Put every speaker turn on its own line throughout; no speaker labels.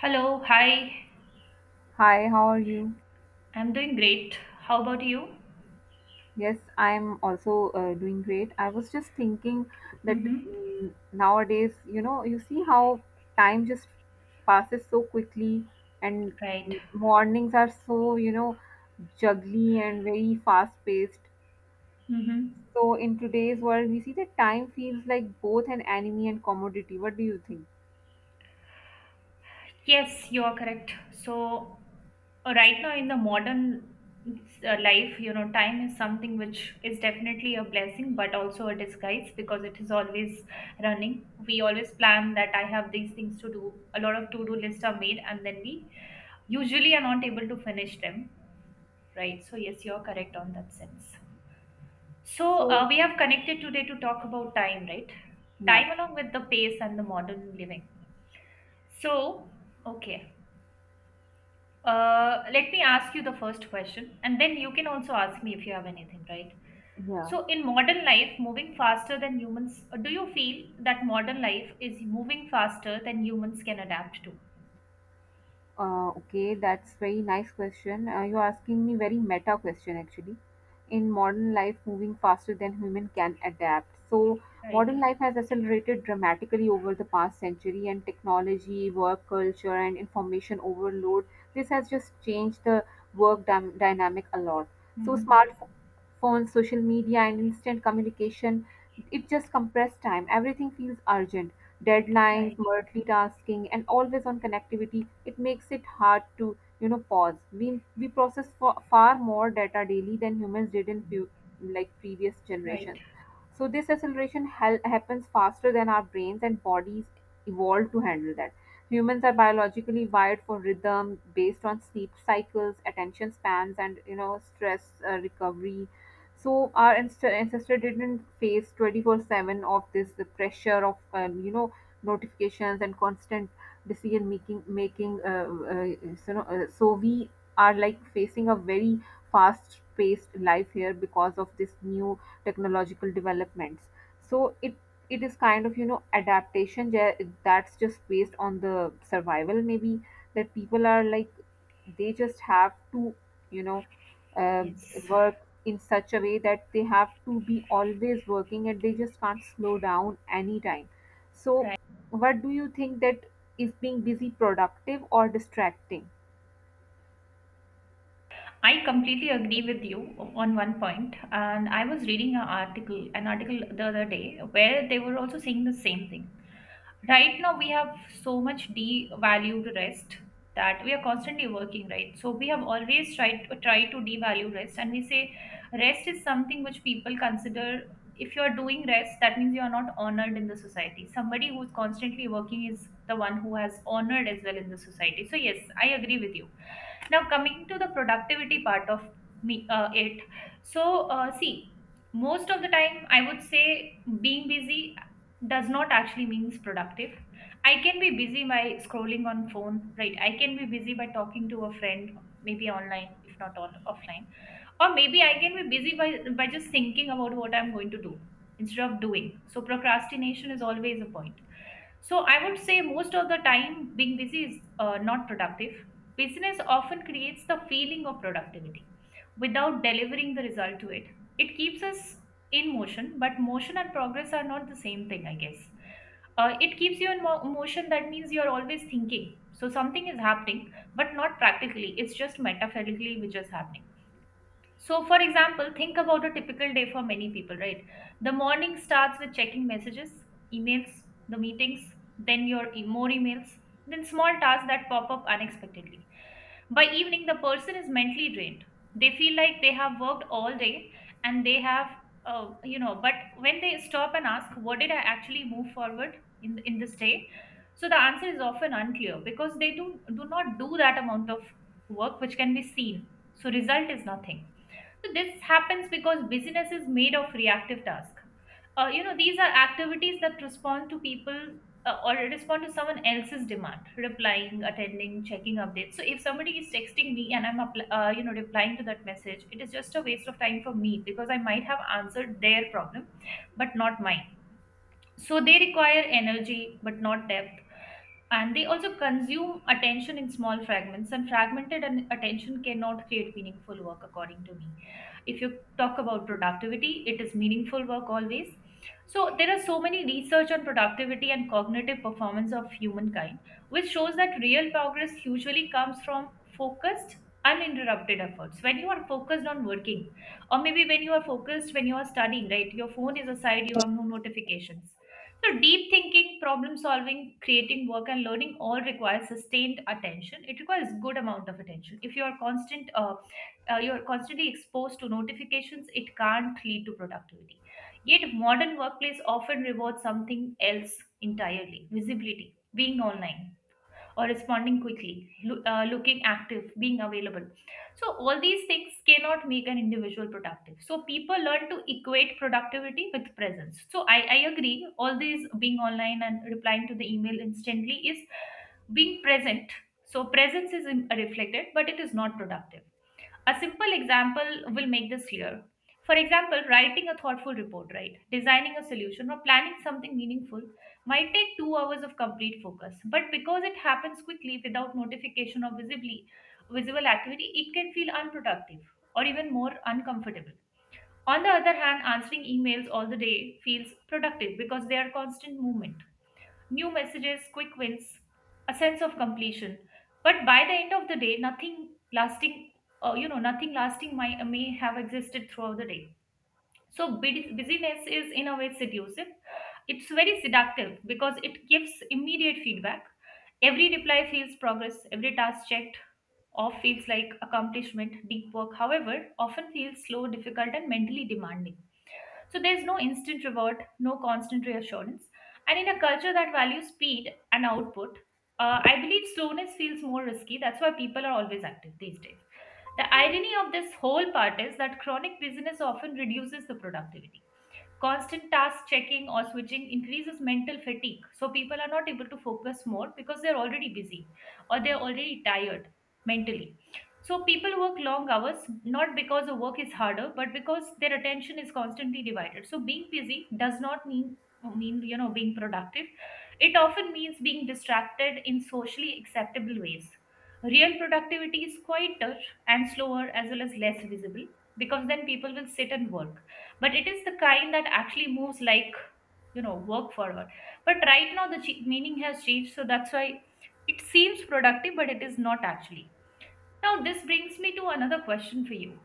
Hello, hi.
Hi, how are you?
I'm doing great. How about you?
Yes, I'm also doing great. I was just thinking that
Mm-hmm.
nowadays, you know, you see how time just passes so quickly, and
Right.
mornings are so, you know, juggly and very fast-paced.
Mm-hmm.
So in today's world, we see that time feels like both an enemy and commodity. What do you think?
Yes, you are correct. So, right now, in the modern life, you know, time is something which is definitely a blessing, but also a disguise because it is always running. We always plan that I have these things to do. A lot of to do lists are made, and then we usually are not able to finish them. Right. So, yes, you are correct on that sense.
So,
We have connected today to talk about time, right?
yeah,
Time along with the pace and the modern living. So, okay. Let me ask you the first question, and then you can also ask me if you have anything, right?
yeah.
So, in modern life, moving faster than humans, do you feel that modern life is moving faster than humans can adapt to?
Okay, that's very nice question. You're asking me very meta question actually. In modern life, moving faster than human can adapt. So
Right.
modern life has accelerated dramatically over the past century, and technology, work culture, and information overload. This has just changed the dynamic a lot. So
Hmm.
smartphones, social media, and instant communication, it just compressed time. Everything feels urgent deadlines,
Right.
multitasking, and always on connectivity, it makes it hard to pause. We process far more data daily than humans did in few, like previous
Right.
generations. So this happens faster than our brains and bodies evolved to handle that. Humans are biologically wired for rhythm based on sleep cycles, attention spans, and stress recovery. So our ancestor didn't face 24/7 of this the pressure of you know notifications and constant decision making no, so we are like facing a very fast paced life here because of this new technological developments so it is kind of you know that's just based on the survival maybe that people are like they just have to you know uh,
Yes.
work in such a way that they have to be always working and they just can't slow down anytime so what do you think that is being busy productive or distracting?
I completely agree with you on one point, and I was reading an article the other day where they were also saying the same thing. Right now, we have so much devalued rest that we are constantly working, right? So we have always tried to try to devalue rest, and we say rest is something which people consider. If you are doing rest, that means you are not honored in the society. Somebody who's constantly working is the one who has honored as well in the society. So yes, I agree with you now, coming to the productivity part of me, it. See, most of the time, I would say being busy does not actually means productive. I can be busy by scrolling on phone, right? I can be busy by talking to a friend, maybe online, if not all offline, or maybe I can be busy by, just thinking about what I'm going to do instead of doing. So procrastination is always a point. So I would say most of the time being busy is not productive. Business often creates the feeling of productivity without delivering the result to it. It keeps us in motion, but motion and progress are not the same thing, I guess. It keeps you in motion, that means you're always thinking. So something is happening, but not practically. It's just metaphorically which is happening. So, for example, think about a typical day for many people, right? The morning starts with checking messages, emails, the meetings, then your more emails, then small tasks that pop up unexpectedly. By evening, the person is mentally drained. They feel like they have worked all day and they have, but when they stop and ask, what did I actually move forward in, this day? So the answer is often unclear because they do not do that amount of work which can be seen. So result is nothing, so this happens because business is made of reactive tasks. These are activities that respond to people or respond to someone else's demand, replying, attending, checking updates. So if somebody is texting me and I'm, replying to that message, it is just a waste of time for me because I might have answered their problem, but not mine. So they require energy, but not depth, and they also consume attention in small fragments, and fragmented attention cannot create meaningful work according to me. If you talk about productivity, it is meaningful work always. So there are so many research on productivity and cognitive performance of humankind, which shows that real progress usually comes from focused, uninterrupted efforts. When you are focused on working, or maybe when you are focused when you are studying, right, your phone is aside, you have no notifications. So, deep thinking, problem solving, creating work, and learning all requires sustained attention. It requires good amount of attention. If you are constant, you are constantly exposed to notifications, it can't lead to productivity. Yet, modern workplace often rewards something else entirely: visibility, being online or responding quickly, looking active, being available. So, all these things cannot make an individual productive. So, people learn to equate productivity with presence. So, I agree, all these being online and replying to the email instantly is being present. So, presence is reflected, but it is not productive. A simple example will make this clear. For example, writing a thoughtful report, right? Designing a solution or planning something meaningful might take 2 hours of complete focus. But because it happens quickly without notification or visibly visible activity, it can feel unproductive or even more uncomfortable. On the other hand, answering emails all the day feels productive because they are constant movement, new messages, quick wins, a sense of completion. But by the end of the day, nothing lasting, may have existed throughout the day. So busyness is in a way seductive. It's very seductive because it gives immediate feedback. Every reply feels progress. Every task checked off feels like accomplishment, deep work. However, often feels slow, difficult, and mentally demanding. So there's no instant reward, no constant reassurance. And in a culture that values speed and output, I believe slowness feels more risky. That's why people are always active these days. The irony of this whole part is that chronic busyness often reduces the productivity. Constant task checking or switching increases mental fatigue. So people are not able to focus more because they're already busy or they're already tired mentally. So people work long hours not because the work is harder but because their attention is constantly divided. So being busy does not mean you know being productive. It often means being distracted in socially acceptable ways. Real productivity is quieter and slower as well as less visible, because then people will sit and work, but it is the kind that actually moves, like, you know, work forward. But right now the meaning has changed, so that's why it seems productive but it is not actually. Now this brings me to another question for you: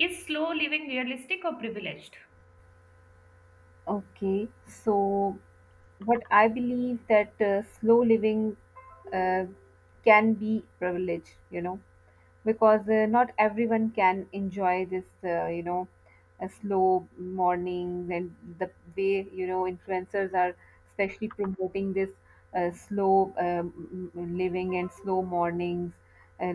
is slow living realistic or privileged?
Okay, so what I believe that slow living uh, can be privileged, you know, because not everyone can enjoy this, you know, a slow morning and the way you know influencers are especially promoting this slow living and slow mornings. Uh,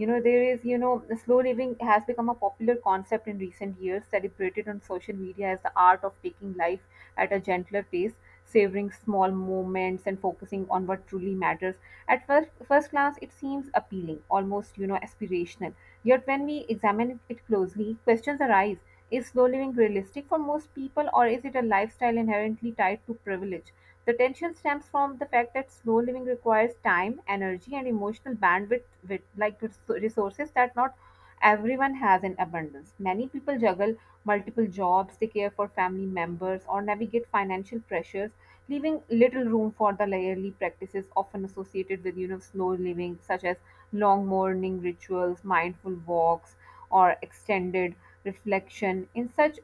you know there is you know slow living has become a popular concept in recent years celebrated on social media as the art of taking life at a gentler pace savoring small moments and focusing on what truly matters at first glance it seems appealing almost you know aspirational yet when we examine it closely questions arise. Is slow living realistic for most people, or is it a lifestyle inherently tied to privilege? The tension stems from the fact that slow living requires time, energy, and emotional bandwidth, with, like resources that not everyone has in abundance. Many people juggle multiple jobs, they care for family members, or navigate financial pressures, leaving little room for the daily practices often associated with you know slow living, such as long morning rituals, mindful walks, or extended reflection. In such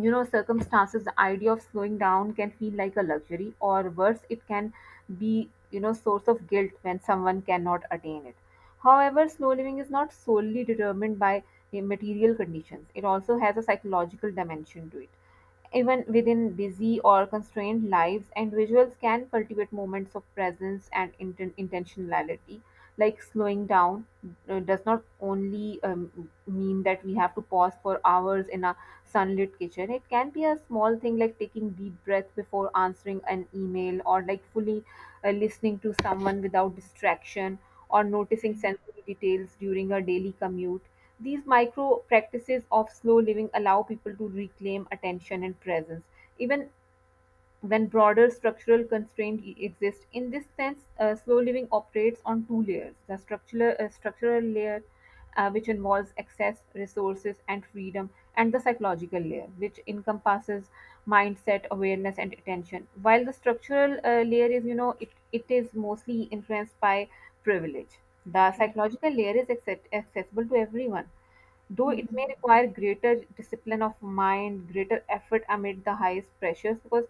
you know circumstances the idea of slowing down can feel like a luxury, or worse it can be you know source of guilt when someone cannot attain it. However, slow living is not solely determined by the material conditions. It also has a psychological dimension to it. Even within busy or constrained lives, individuals can cultivate moments of presence and intentionality. Like slowing down does not only mean that we have to pause for hours in a sunlit kitchen. It can be a small thing like taking deep breath before answering an email, or like fully listening to someone without distraction, or noticing
Right.
sensory details during a daily commute. These micro practices of slow living allow people to reclaim attention and presence, even when broader structural constraints exist. In this sense, slow living operates on two layers: the structural layer, which involves access, resources, and freedom, and the psychological layer, which encompasses mindset, awareness, and attention. While the structural layer is, you know, it is mostly influenced by privilege. The
Right.
psychological accessible to everyone, though it may
Hmm.
require greater discipline of mind, greater effort amid the highest pressures. Because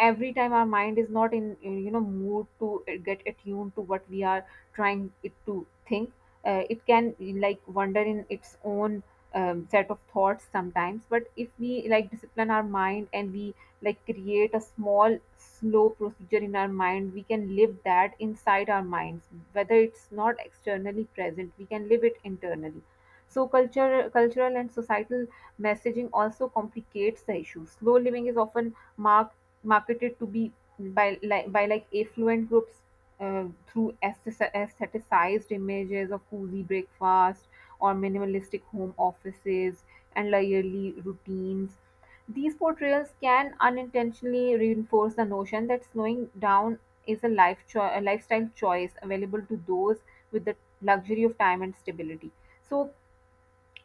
every time our mind is not in, you know mood to get attuned to what we are trying it to think, it can like wander in its own set of thoughts sometimes. But if we like discipline our mind and we like create a small slow procedure in our mind, we can live that inside our minds, whether it's not externally present, we can live it internally. So cultural and societal messaging also complicates the issue. Slow living is often marketed to be by like affluent groups through aestheticized images of cozy breakfast, or minimalistic home offices, and yearly routines. These portrayals can unintentionally reinforce the notion that slowing down is a a lifestyle choice available to those with the luxury of time and stability. So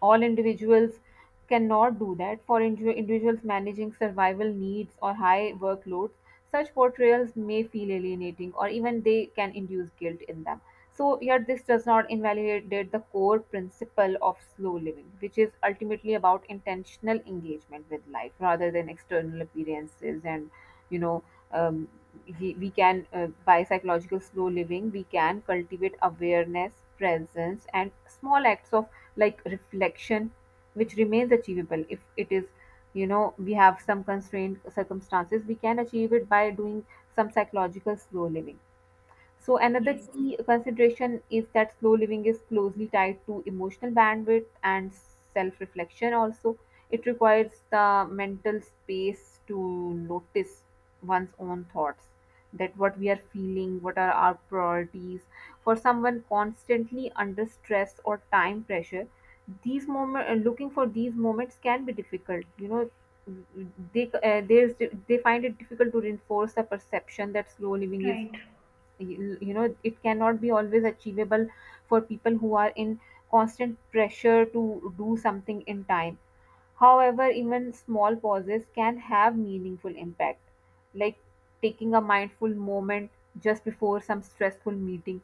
all individuals cannot do that. For individuals managing survival needs or high workloads, such portrayals may feel alienating, or even they can induce guilt in them. So here this does not invalidate the core principle of slow living, which is ultimately about intentional engagement with life rather than external appearances and, you know, um, we can by psychological slow living we can cultivate awareness, presence, and small acts of like reflection, which remains achievable. If it is you know we have some constrained circumstances, we can achieve it by doing some psychological slow living. So another
Yes.
key consideration is that slow living is closely tied to emotional bandwidth and self reflection, also. It requires the mental space to notice one's own thoughts, that what we are feeling, what are our priorities. For someone constantly under stress or time pressure, these moment looking for these moments can be difficult. You know, they uh, there's they find it difficult to reinforce the perception that slow living is
Right.
you know it cannot be always achievable for people who are in constant pressure to do something in time. However, even small pauses can have meaningful impact, like taking a mindful moment just before some stressful meeting,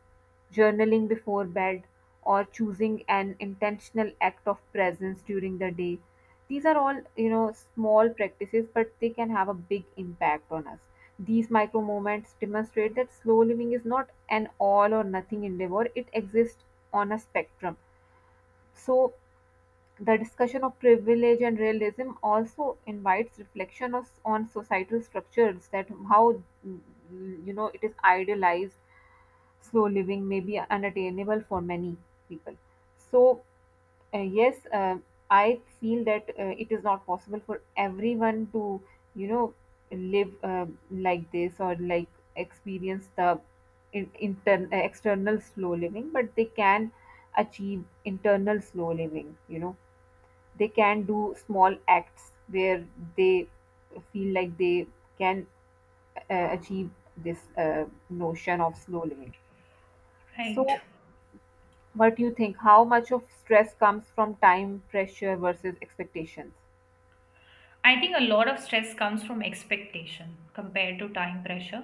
journaling before bed, or choosing an intentional act of presence during the day. These are all, you know, small practices, but they can have a big impact on us. These micro moments demonstrate that slow living is not an all or nothing endeavor, it exists on a spectrum. So the discussion of privilege and realism also invites reflection on societal structures, that how you know it is idealized slow living may be unattainable for many people. So, yes, I feel that it is not possible for everyone to, you know, live like this, or like experience the external slow living, but they can achieve internal slow living, you know. They can do small acts where they feel like they can achieve this notion of slow living.
Right.
So what do you think? How much of stress comes from time pressure versus expectations?
I think a lot of stress comes from expectation compared to time pressure.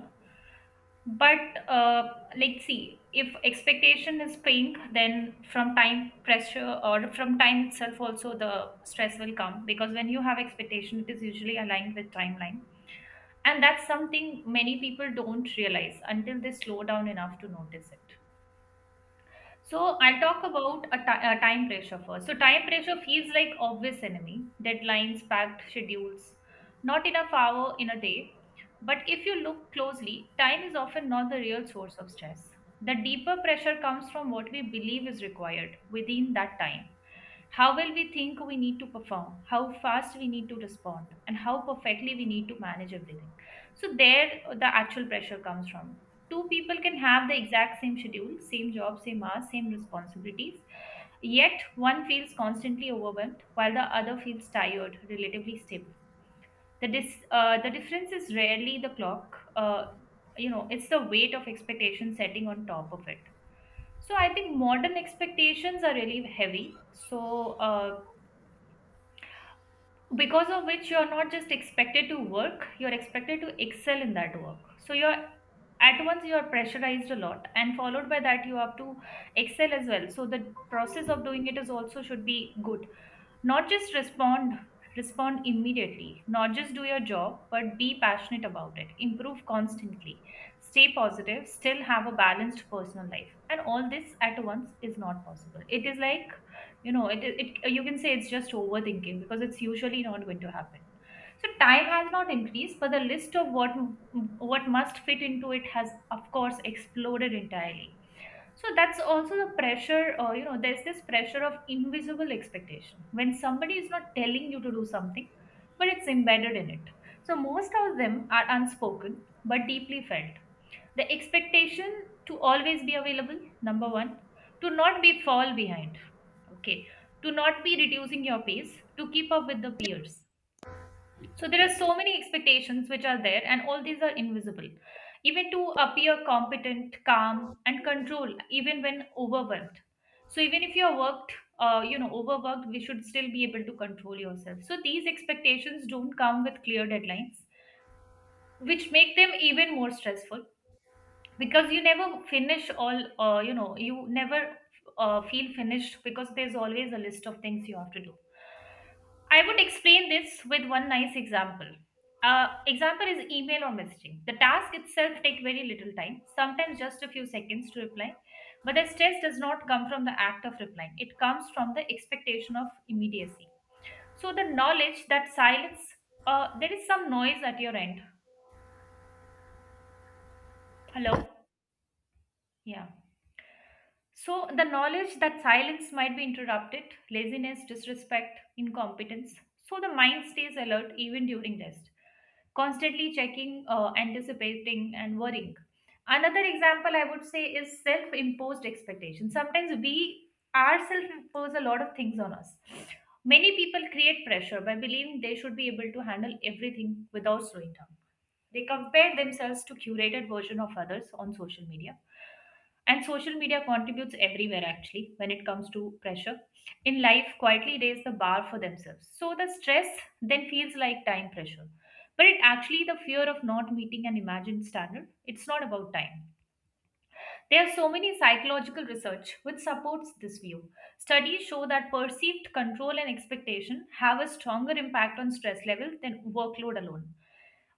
But uh, let's see, if expectation is pink, then from time pressure or from time itself also the stress will come, because when you have expectation, it is usually aligned with timeline. And that's something many people don't realize until they slow down enough to notice it. So I'll talk about a a time pressure first. So time pressure feels like obvious enemy. Deadlines, packed schedules, not enough hour in a day. But if you look closely, time is often not the real source of stress. The deeper pressure comes from what we believe is required within that time. How well we think we need to perform, how fast we need to respond, and how perfectly we need to manage everything. So there the actual pressure comes from: two people can have the exact same schedule, same job, same hours, same responsibilities. Yet one feels constantly overwhelmed while the other feels tired, relatively stable. The, the difference is rarely the clock, you know, it's the weight of expectation setting on top of it. So I think modern expectations are really heavy. So because of which you're not just expected to work, you're expected to excel in that work. So you're at once you are pressurized a lot, and followed by that you have to excel as well, so the process of doing it is also should be good. Not just respond, immediately, not just do your job, but be passionate about it. Improve constantly. Stay positive, still have a balanced personal life. And all this at once is not possible. It is like, you know, it you can say it's just overthinking because it's usually not going to happen. So time has not increased, but the list of what must fit into it has, of course, exploded entirely. So that's also the pressure. You know, there's this pressure of invisible expectation when somebody is not telling you to do something, but it's embedded in it. So most of them are unspoken but deeply felt: the expectation to always be available, number 1; to not be fall behind, okay; to not be reducing your pace to keep up with the peers. So there are so many expectations which are there, and all these are invisible. Even to appear competent, calm, and control, even when overwhelmed. So even if you're worked, overworked, we should still be able to control yourself. So these expectations don't come with clear deadlines, which make them even more stressful because you never finish all you know you never feel finished because there's always a list of things you have to do. I would explain this with one nice example. Example is email or messaging. The task itself take very little time, sometimes just a few seconds to reply, but the stress does not come from the act of replying. It comes from the expectation of immediacy. So the knowledge that silence— there is some noise at your end. Hello. Yeah. So, the knowledge that silence might be interrupted, laziness, disrespect, incompetence. So, the mind stays alert even during rest, constantly checking, anticipating, and worrying. Another example I would say is self imposed expectation. Sometimes we ourselves impose a lot of things on us. Many people create pressure by believing they should be able to handle everything without slowing down. They compare themselves to curated version of others on social media. And social media contributes everywhere actually when it comes to pressure. In life, quietly raise the bar for themselves. So the stress then feels like time pressure. But it actually the fear of not meeting an imagined standard. It's not about time. There are so many psychological research which supports this view. Studies show that perceived control and expectation have a stronger impact on stress level than workload alone.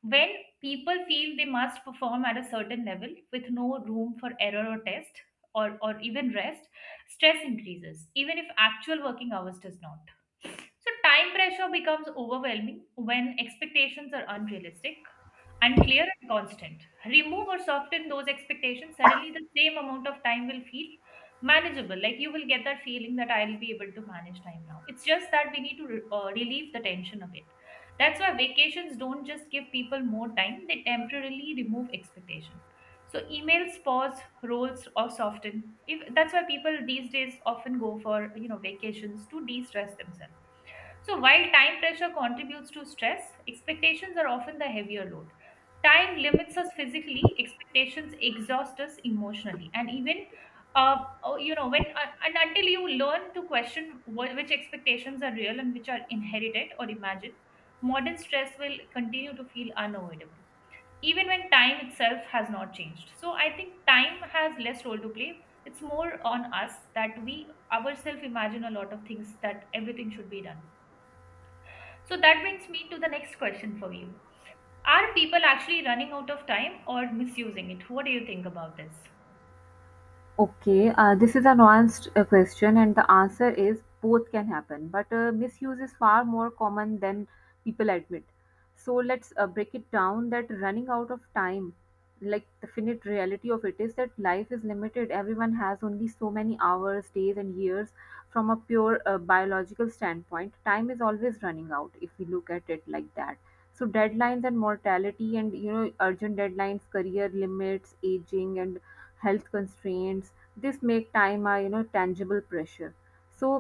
When people feel they must perform at a certain level with no room for error or test or even rest, stress increases, even if actual working hours does not. So, time pressure becomes overwhelming when expectations are unrealistic, unclear, and constant. Remove or soften those expectations, suddenly the same amount of time will feel manageable. Like you will get that feeling that I'll be able to manage time now. It's just that we need to relieve the tension a bit. That's why vacations don't just give people more time, they temporarily remove expectation. So emails pause, rolls, or soften. If that's why people these days often go for vacations to de-stress themselves. So, while time pressure contributes to stress, expectations are often the heavier load. Time limits us physically, expectations exhaust us emotionally. And even, uh, oh, you know, when and until you learn to question which expectations are real and which are inherited or imagined, modern stress will continue to feel unavoidable, even when time itself has not changed. So, I think time has less role to play. It's more on us that we ourselves imagine a lot of things that everything should be done. So that brings me to the next question for you. Are people actually running out of time or misusing it? What do you think about this?
Okay, this is a nuanced question, and the answer is both can happen, but misuse is far more common than people admit. So let's break it down. That running out of time, like the finite reality of it, is that life is limited. Everyone has only so many hours, days, and years from a pure biological standpoint. Time is always running out if we look at it like that. So deadlines and mortality and you know urgent deadlines, career limits, aging and health constraints, this make time a you know tangible pressure. So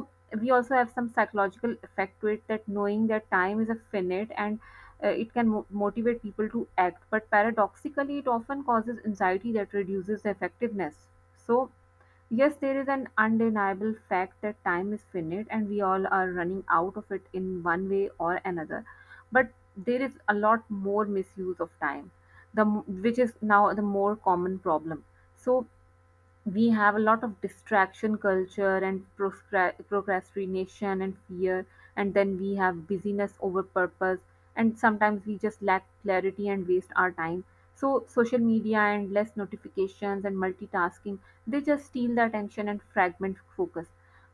we also have some psychological effect to it, that knowing that time is a finite and it can motivate people to act, but paradoxically it often causes anxiety that reduces the effectiveness. So yes, there is an undeniable fact that time is finite and we all are running out of it in one way or another. But there is a lot more misuse of time, the which is now the more common problem. So we have a lot of distraction culture and procrastination and fear, and then we have busyness over purpose, and sometimes we just lack clarity and waste our time. So social media and less notifications and multitasking, they just steal the attention and fragment focus.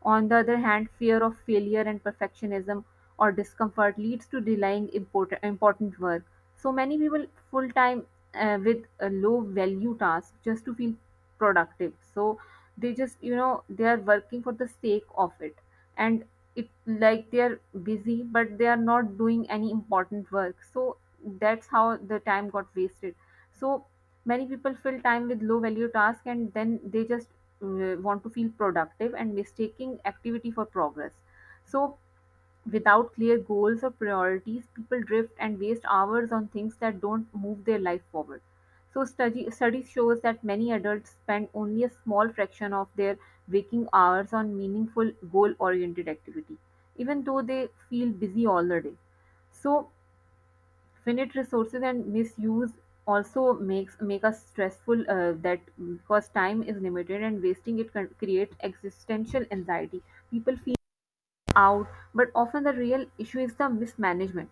On the other hand, fear of failure and perfectionism or discomfort leads to delaying important work. So many people full time with a low value task just to feel productive, so they just they are working for the sake of it. And it like they are busy but they are not doing any important work, so that's how the time got wasted. So many people fill time with low value task and then they just want to feel productive and mistaking activity for progress. So without clear goals or priorities, people drift and waste hours on things that don't move their life forward. So Study shows that many adults spend only a small fraction of their waking hours on meaningful goal-oriented activity, even though they feel busy all the day. So finite resources and misuse also make us stressful, that, because time is limited and wasting it can create existential anxiety. People feel out, but often the real issue is the mismanagement.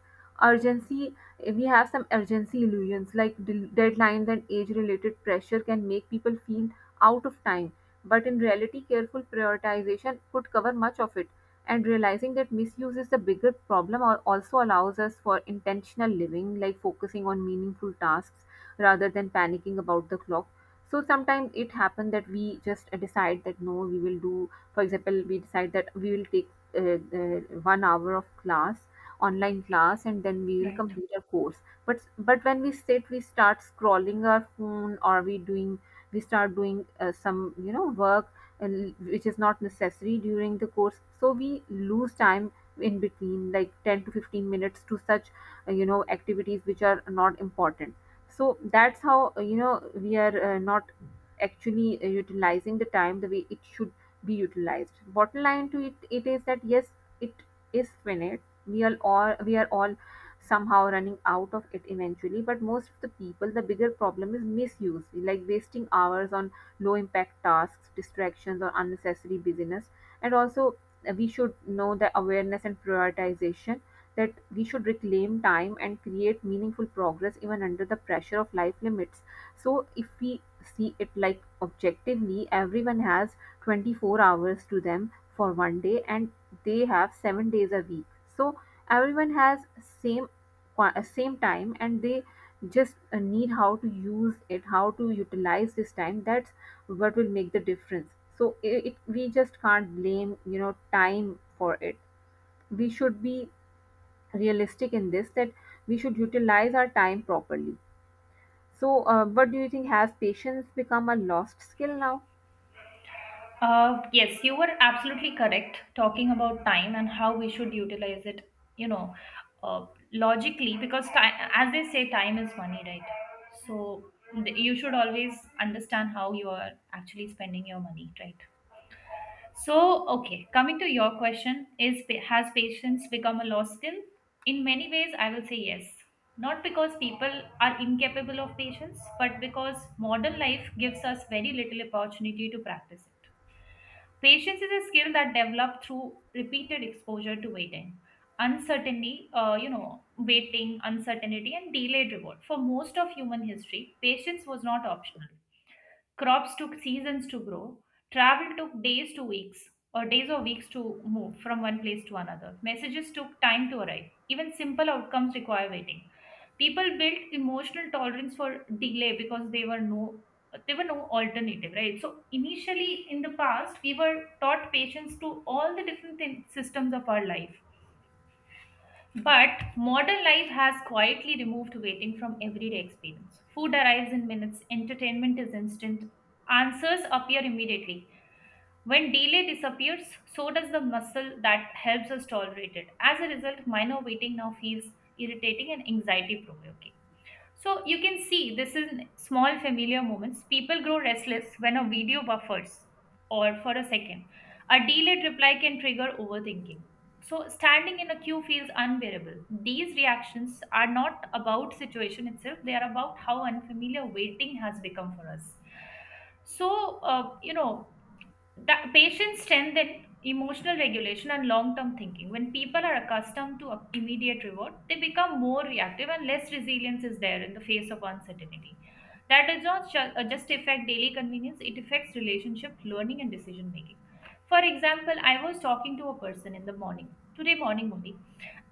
Urgency, we have some urgency illusions like deadlines and age related pressure can make people feel out of time, but in reality careful prioritization could cover much of it. And realizing that misuse is the bigger problem or also allows us for intentional living, like focusing on meaningful tasks rather than panicking about the clock. So sometimes it happens that we just decide that no, we will do, for example, we decide that we will take uh, uh, 1 hour of class, online class, and then we will
Right.
complete our course. But when we sit we start scrolling our phone or we doing, we start doing some work, and which is not necessary during the course, so we lose time in between like 10 to 15 minutes to such activities which are not important. So that's how we are not actually utilizing the time the way it should be utilized. Bottom line to it, it is that yes, it is finite. We are all somehow running out of it eventually. But most of the people, the bigger problem is misuse, like wasting hours on low impact tasks, distractions, or unnecessary busyness. And also, we should know the awareness and prioritization that we should reclaim time and create meaningful progress even under the pressure of life limits. So if we see it like objectively, everyone has 24 hours to them for one day and they have 7 days a week. So everyone has same same time, and they just need how to use it, how to utilize this time. That's what will make the difference. So it, we just can't blame time for it. We should be realistic in this, that we should utilize our time properly. So what do you think, has patience become a lost skill now?
Yes, you were absolutely correct talking about time and how we should utilize it, you know, uh, logically, because time, as they say, time is money, right? So you should always understand how you are actually spending your money, right? So, okay, coming to your question, is has patience become a lost skill? In many ways, I will say yes. Not because people are incapable of patience, but because modern life gives us very little opportunity to practice it. Patience is a skill that developed through repeated exposure to waiting, uncertainty, uncertainty, and delayed reward. For most of human history, patience was not optional. Crops took seasons to grow. Travel took days to weeks, or days or weeks to move from one place to another. Messages took time to arrive. Even simple outcomes require waiting. People built emotional tolerance for delay because they were no there were no alternative, right? So initially in the past, we were taught patience to all the different systems of our life, but modern life has quietly removed waiting from everyday experience. Food arrives in minutes, entertainment is instant, answers appear immediately. When delay disappears, so does the muscle that helps us tolerate it. As a result, minor waiting now feels irritating and anxiety provoking. So you can see this is small familiar moments. People grow restless when a video buffers or for a second. A delayed reply can trigger overthinking. So standing in a queue feels unbearable. These reactions are not about situation itself, they are about how unfamiliar waiting has become for us. So, the patients strengthen emotional regulation and long-term thinking. When people are accustomed to immediate reward, they become more reactive and less resilience is there in the face of uncertainty. That does not just affect daily convenience, it affects relationship learning and decision making. For example, I was talking to a person in the morning, today morning only,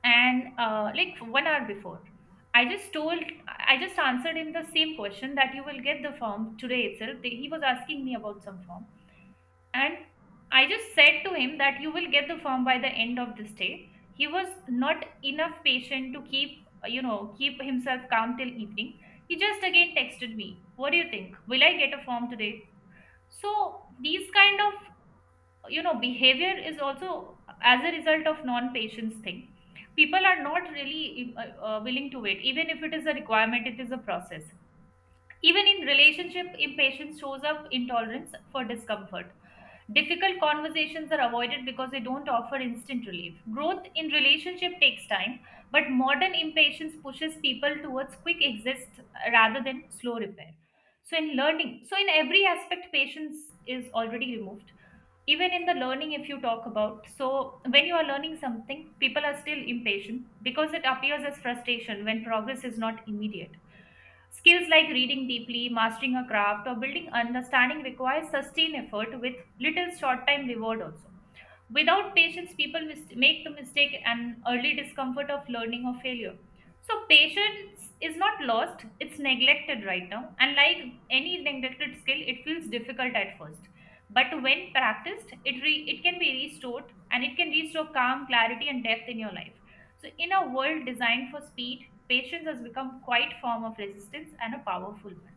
and like 1 hour before. i just told I just answered him the same question that you will get the form today itself. He was asking me about some form, and I just said to him that you will get the form by the end of this day. He was not enough patient to keep, keep himself calm till evening. He just again texted me, "What do you think? Will I get a form today?" So these kind of, you know, behavior is also as a result of non-patience thing. People are not really willing to wait. Even if it is a requirement, it is a process. Even in relationship, impatience shows up intolerance for discomfort. Difficult conversations are avoided because they don't offer instant relief. Growth in relationship takes time, but modern impatience pushes people towards quick exist rather than slow repair. So in learning, so in every aspect patience is already removed. Even in the learning if you talk about, so when you are learning something, people are still impatient because it appears as frustration when progress is not immediate. Skills like reading deeply, mastering a craft, or building understanding requires sustained effort with little short time reward also. Without patience, people make the mistake and early discomfort of learning or failure. So, patience is not lost, it's neglected right now. And like any neglected skill, it feels difficult at first. But when practiced, it can be restored, and it can restore calm, clarity, and depth in your life. So, in a world designed for speed, patience has become quite form of resistance and a powerful one.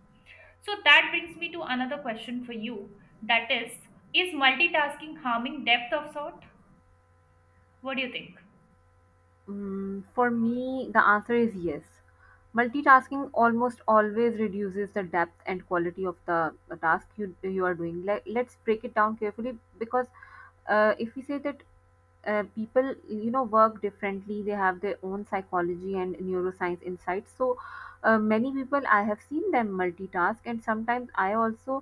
So, that brings me to another question for you, that is multitasking harming depth of thought? What do you think?
Mm, for me, the answer is yes. Multitasking almost always reduces the depth and quality of the task you are doing. Like, let's break it down carefully, because if we say that people work differently, they have their own psychology and neuroscience insights. So many people I have seen them multitask, and sometimes I also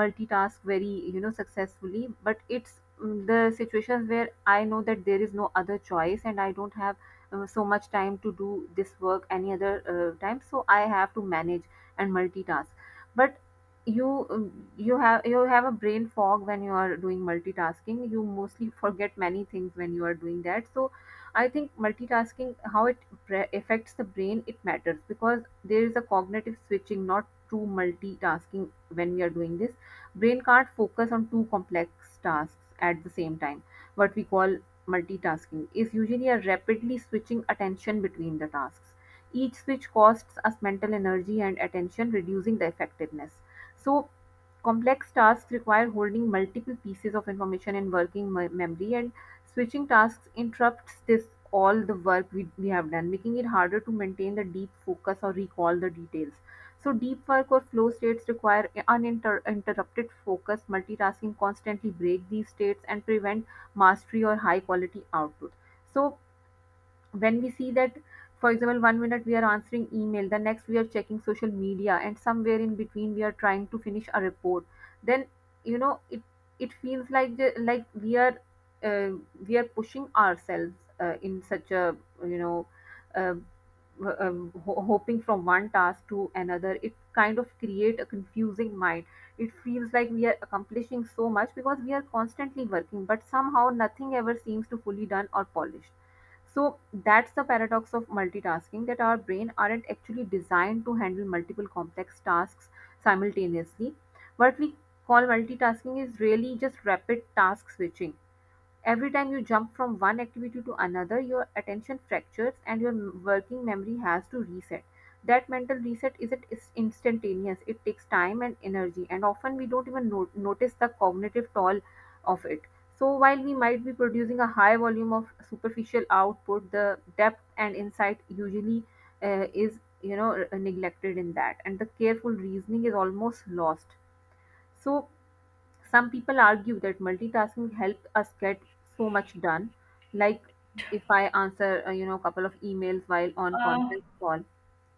multitask very successfully, but it's mm, the situations where I know that there is no other choice and I don't have so much time to do this work any other time, so I have to manage and multitask. But you have a brain fog when you are doing multitasking. You mostly forget many things when you are doing that. So I think multitasking, how it affects the brain, it matters, because there is a cognitive switching, not true multitasking. When we are doing this, brain can't focus on two complex tasks at the same time. What we call multitasking is usually a rapidly switching attention between the tasks. Each switch costs us mental energy and attention, reducing the effectiveness. So, complex tasks require holding multiple pieces of information in working memory, and switching tasks interrupts this, all the work we have done, making it harder to maintain the deep focus or recall the details. So, deep work or flow states require uninterrupted focus. Multitasking constantly break these states and prevent mastery or high quality output. So when we see that, for example, one minute we are answering email, the next we are checking social media, and somewhere in between we are trying to finish a report, then you know it it feels like the, like uh, we are pushing ourselves in such a you know uh, hoping from one task to another. It kind of create a confusing mind. It feels like we are accomplishing so much because we are constantly working, but somehow nothing ever seems to fully done or polished. So that's the paradox of multitasking, that our brain aren't actually designed to handle multiple complex tasks simultaneously. What we call multitasking is really just rapid task switching. Every time you jump from one activity to another, your attention fractures and your working memory has to reset. That mental reset isn't is instantaneous, it takes time and energy, and often we don't even notice the cognitive toll of it. So, while we might be producing a high volume of superficial output, the depth and insight usually is neglected in that, and the careful reasoning is almost lost. So, some people argue that multitasking helps us get so much done. Like if I answer, a couple of emails while on
Uh,
conference call,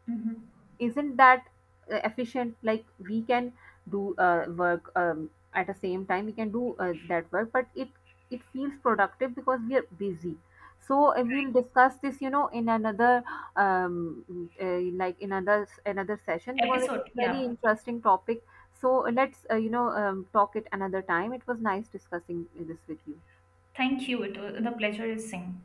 mhm.
isn't that efficient? Like we can do work at the same time, we can do that work, but it feels productive because we are busy. So we'll discuss this in another like in another session, because it's
Episode,
a very
yeah.
interesting topic. So let's talk it another time. It was nice discussing this with you.
Thank you. It was, the pleasure is same.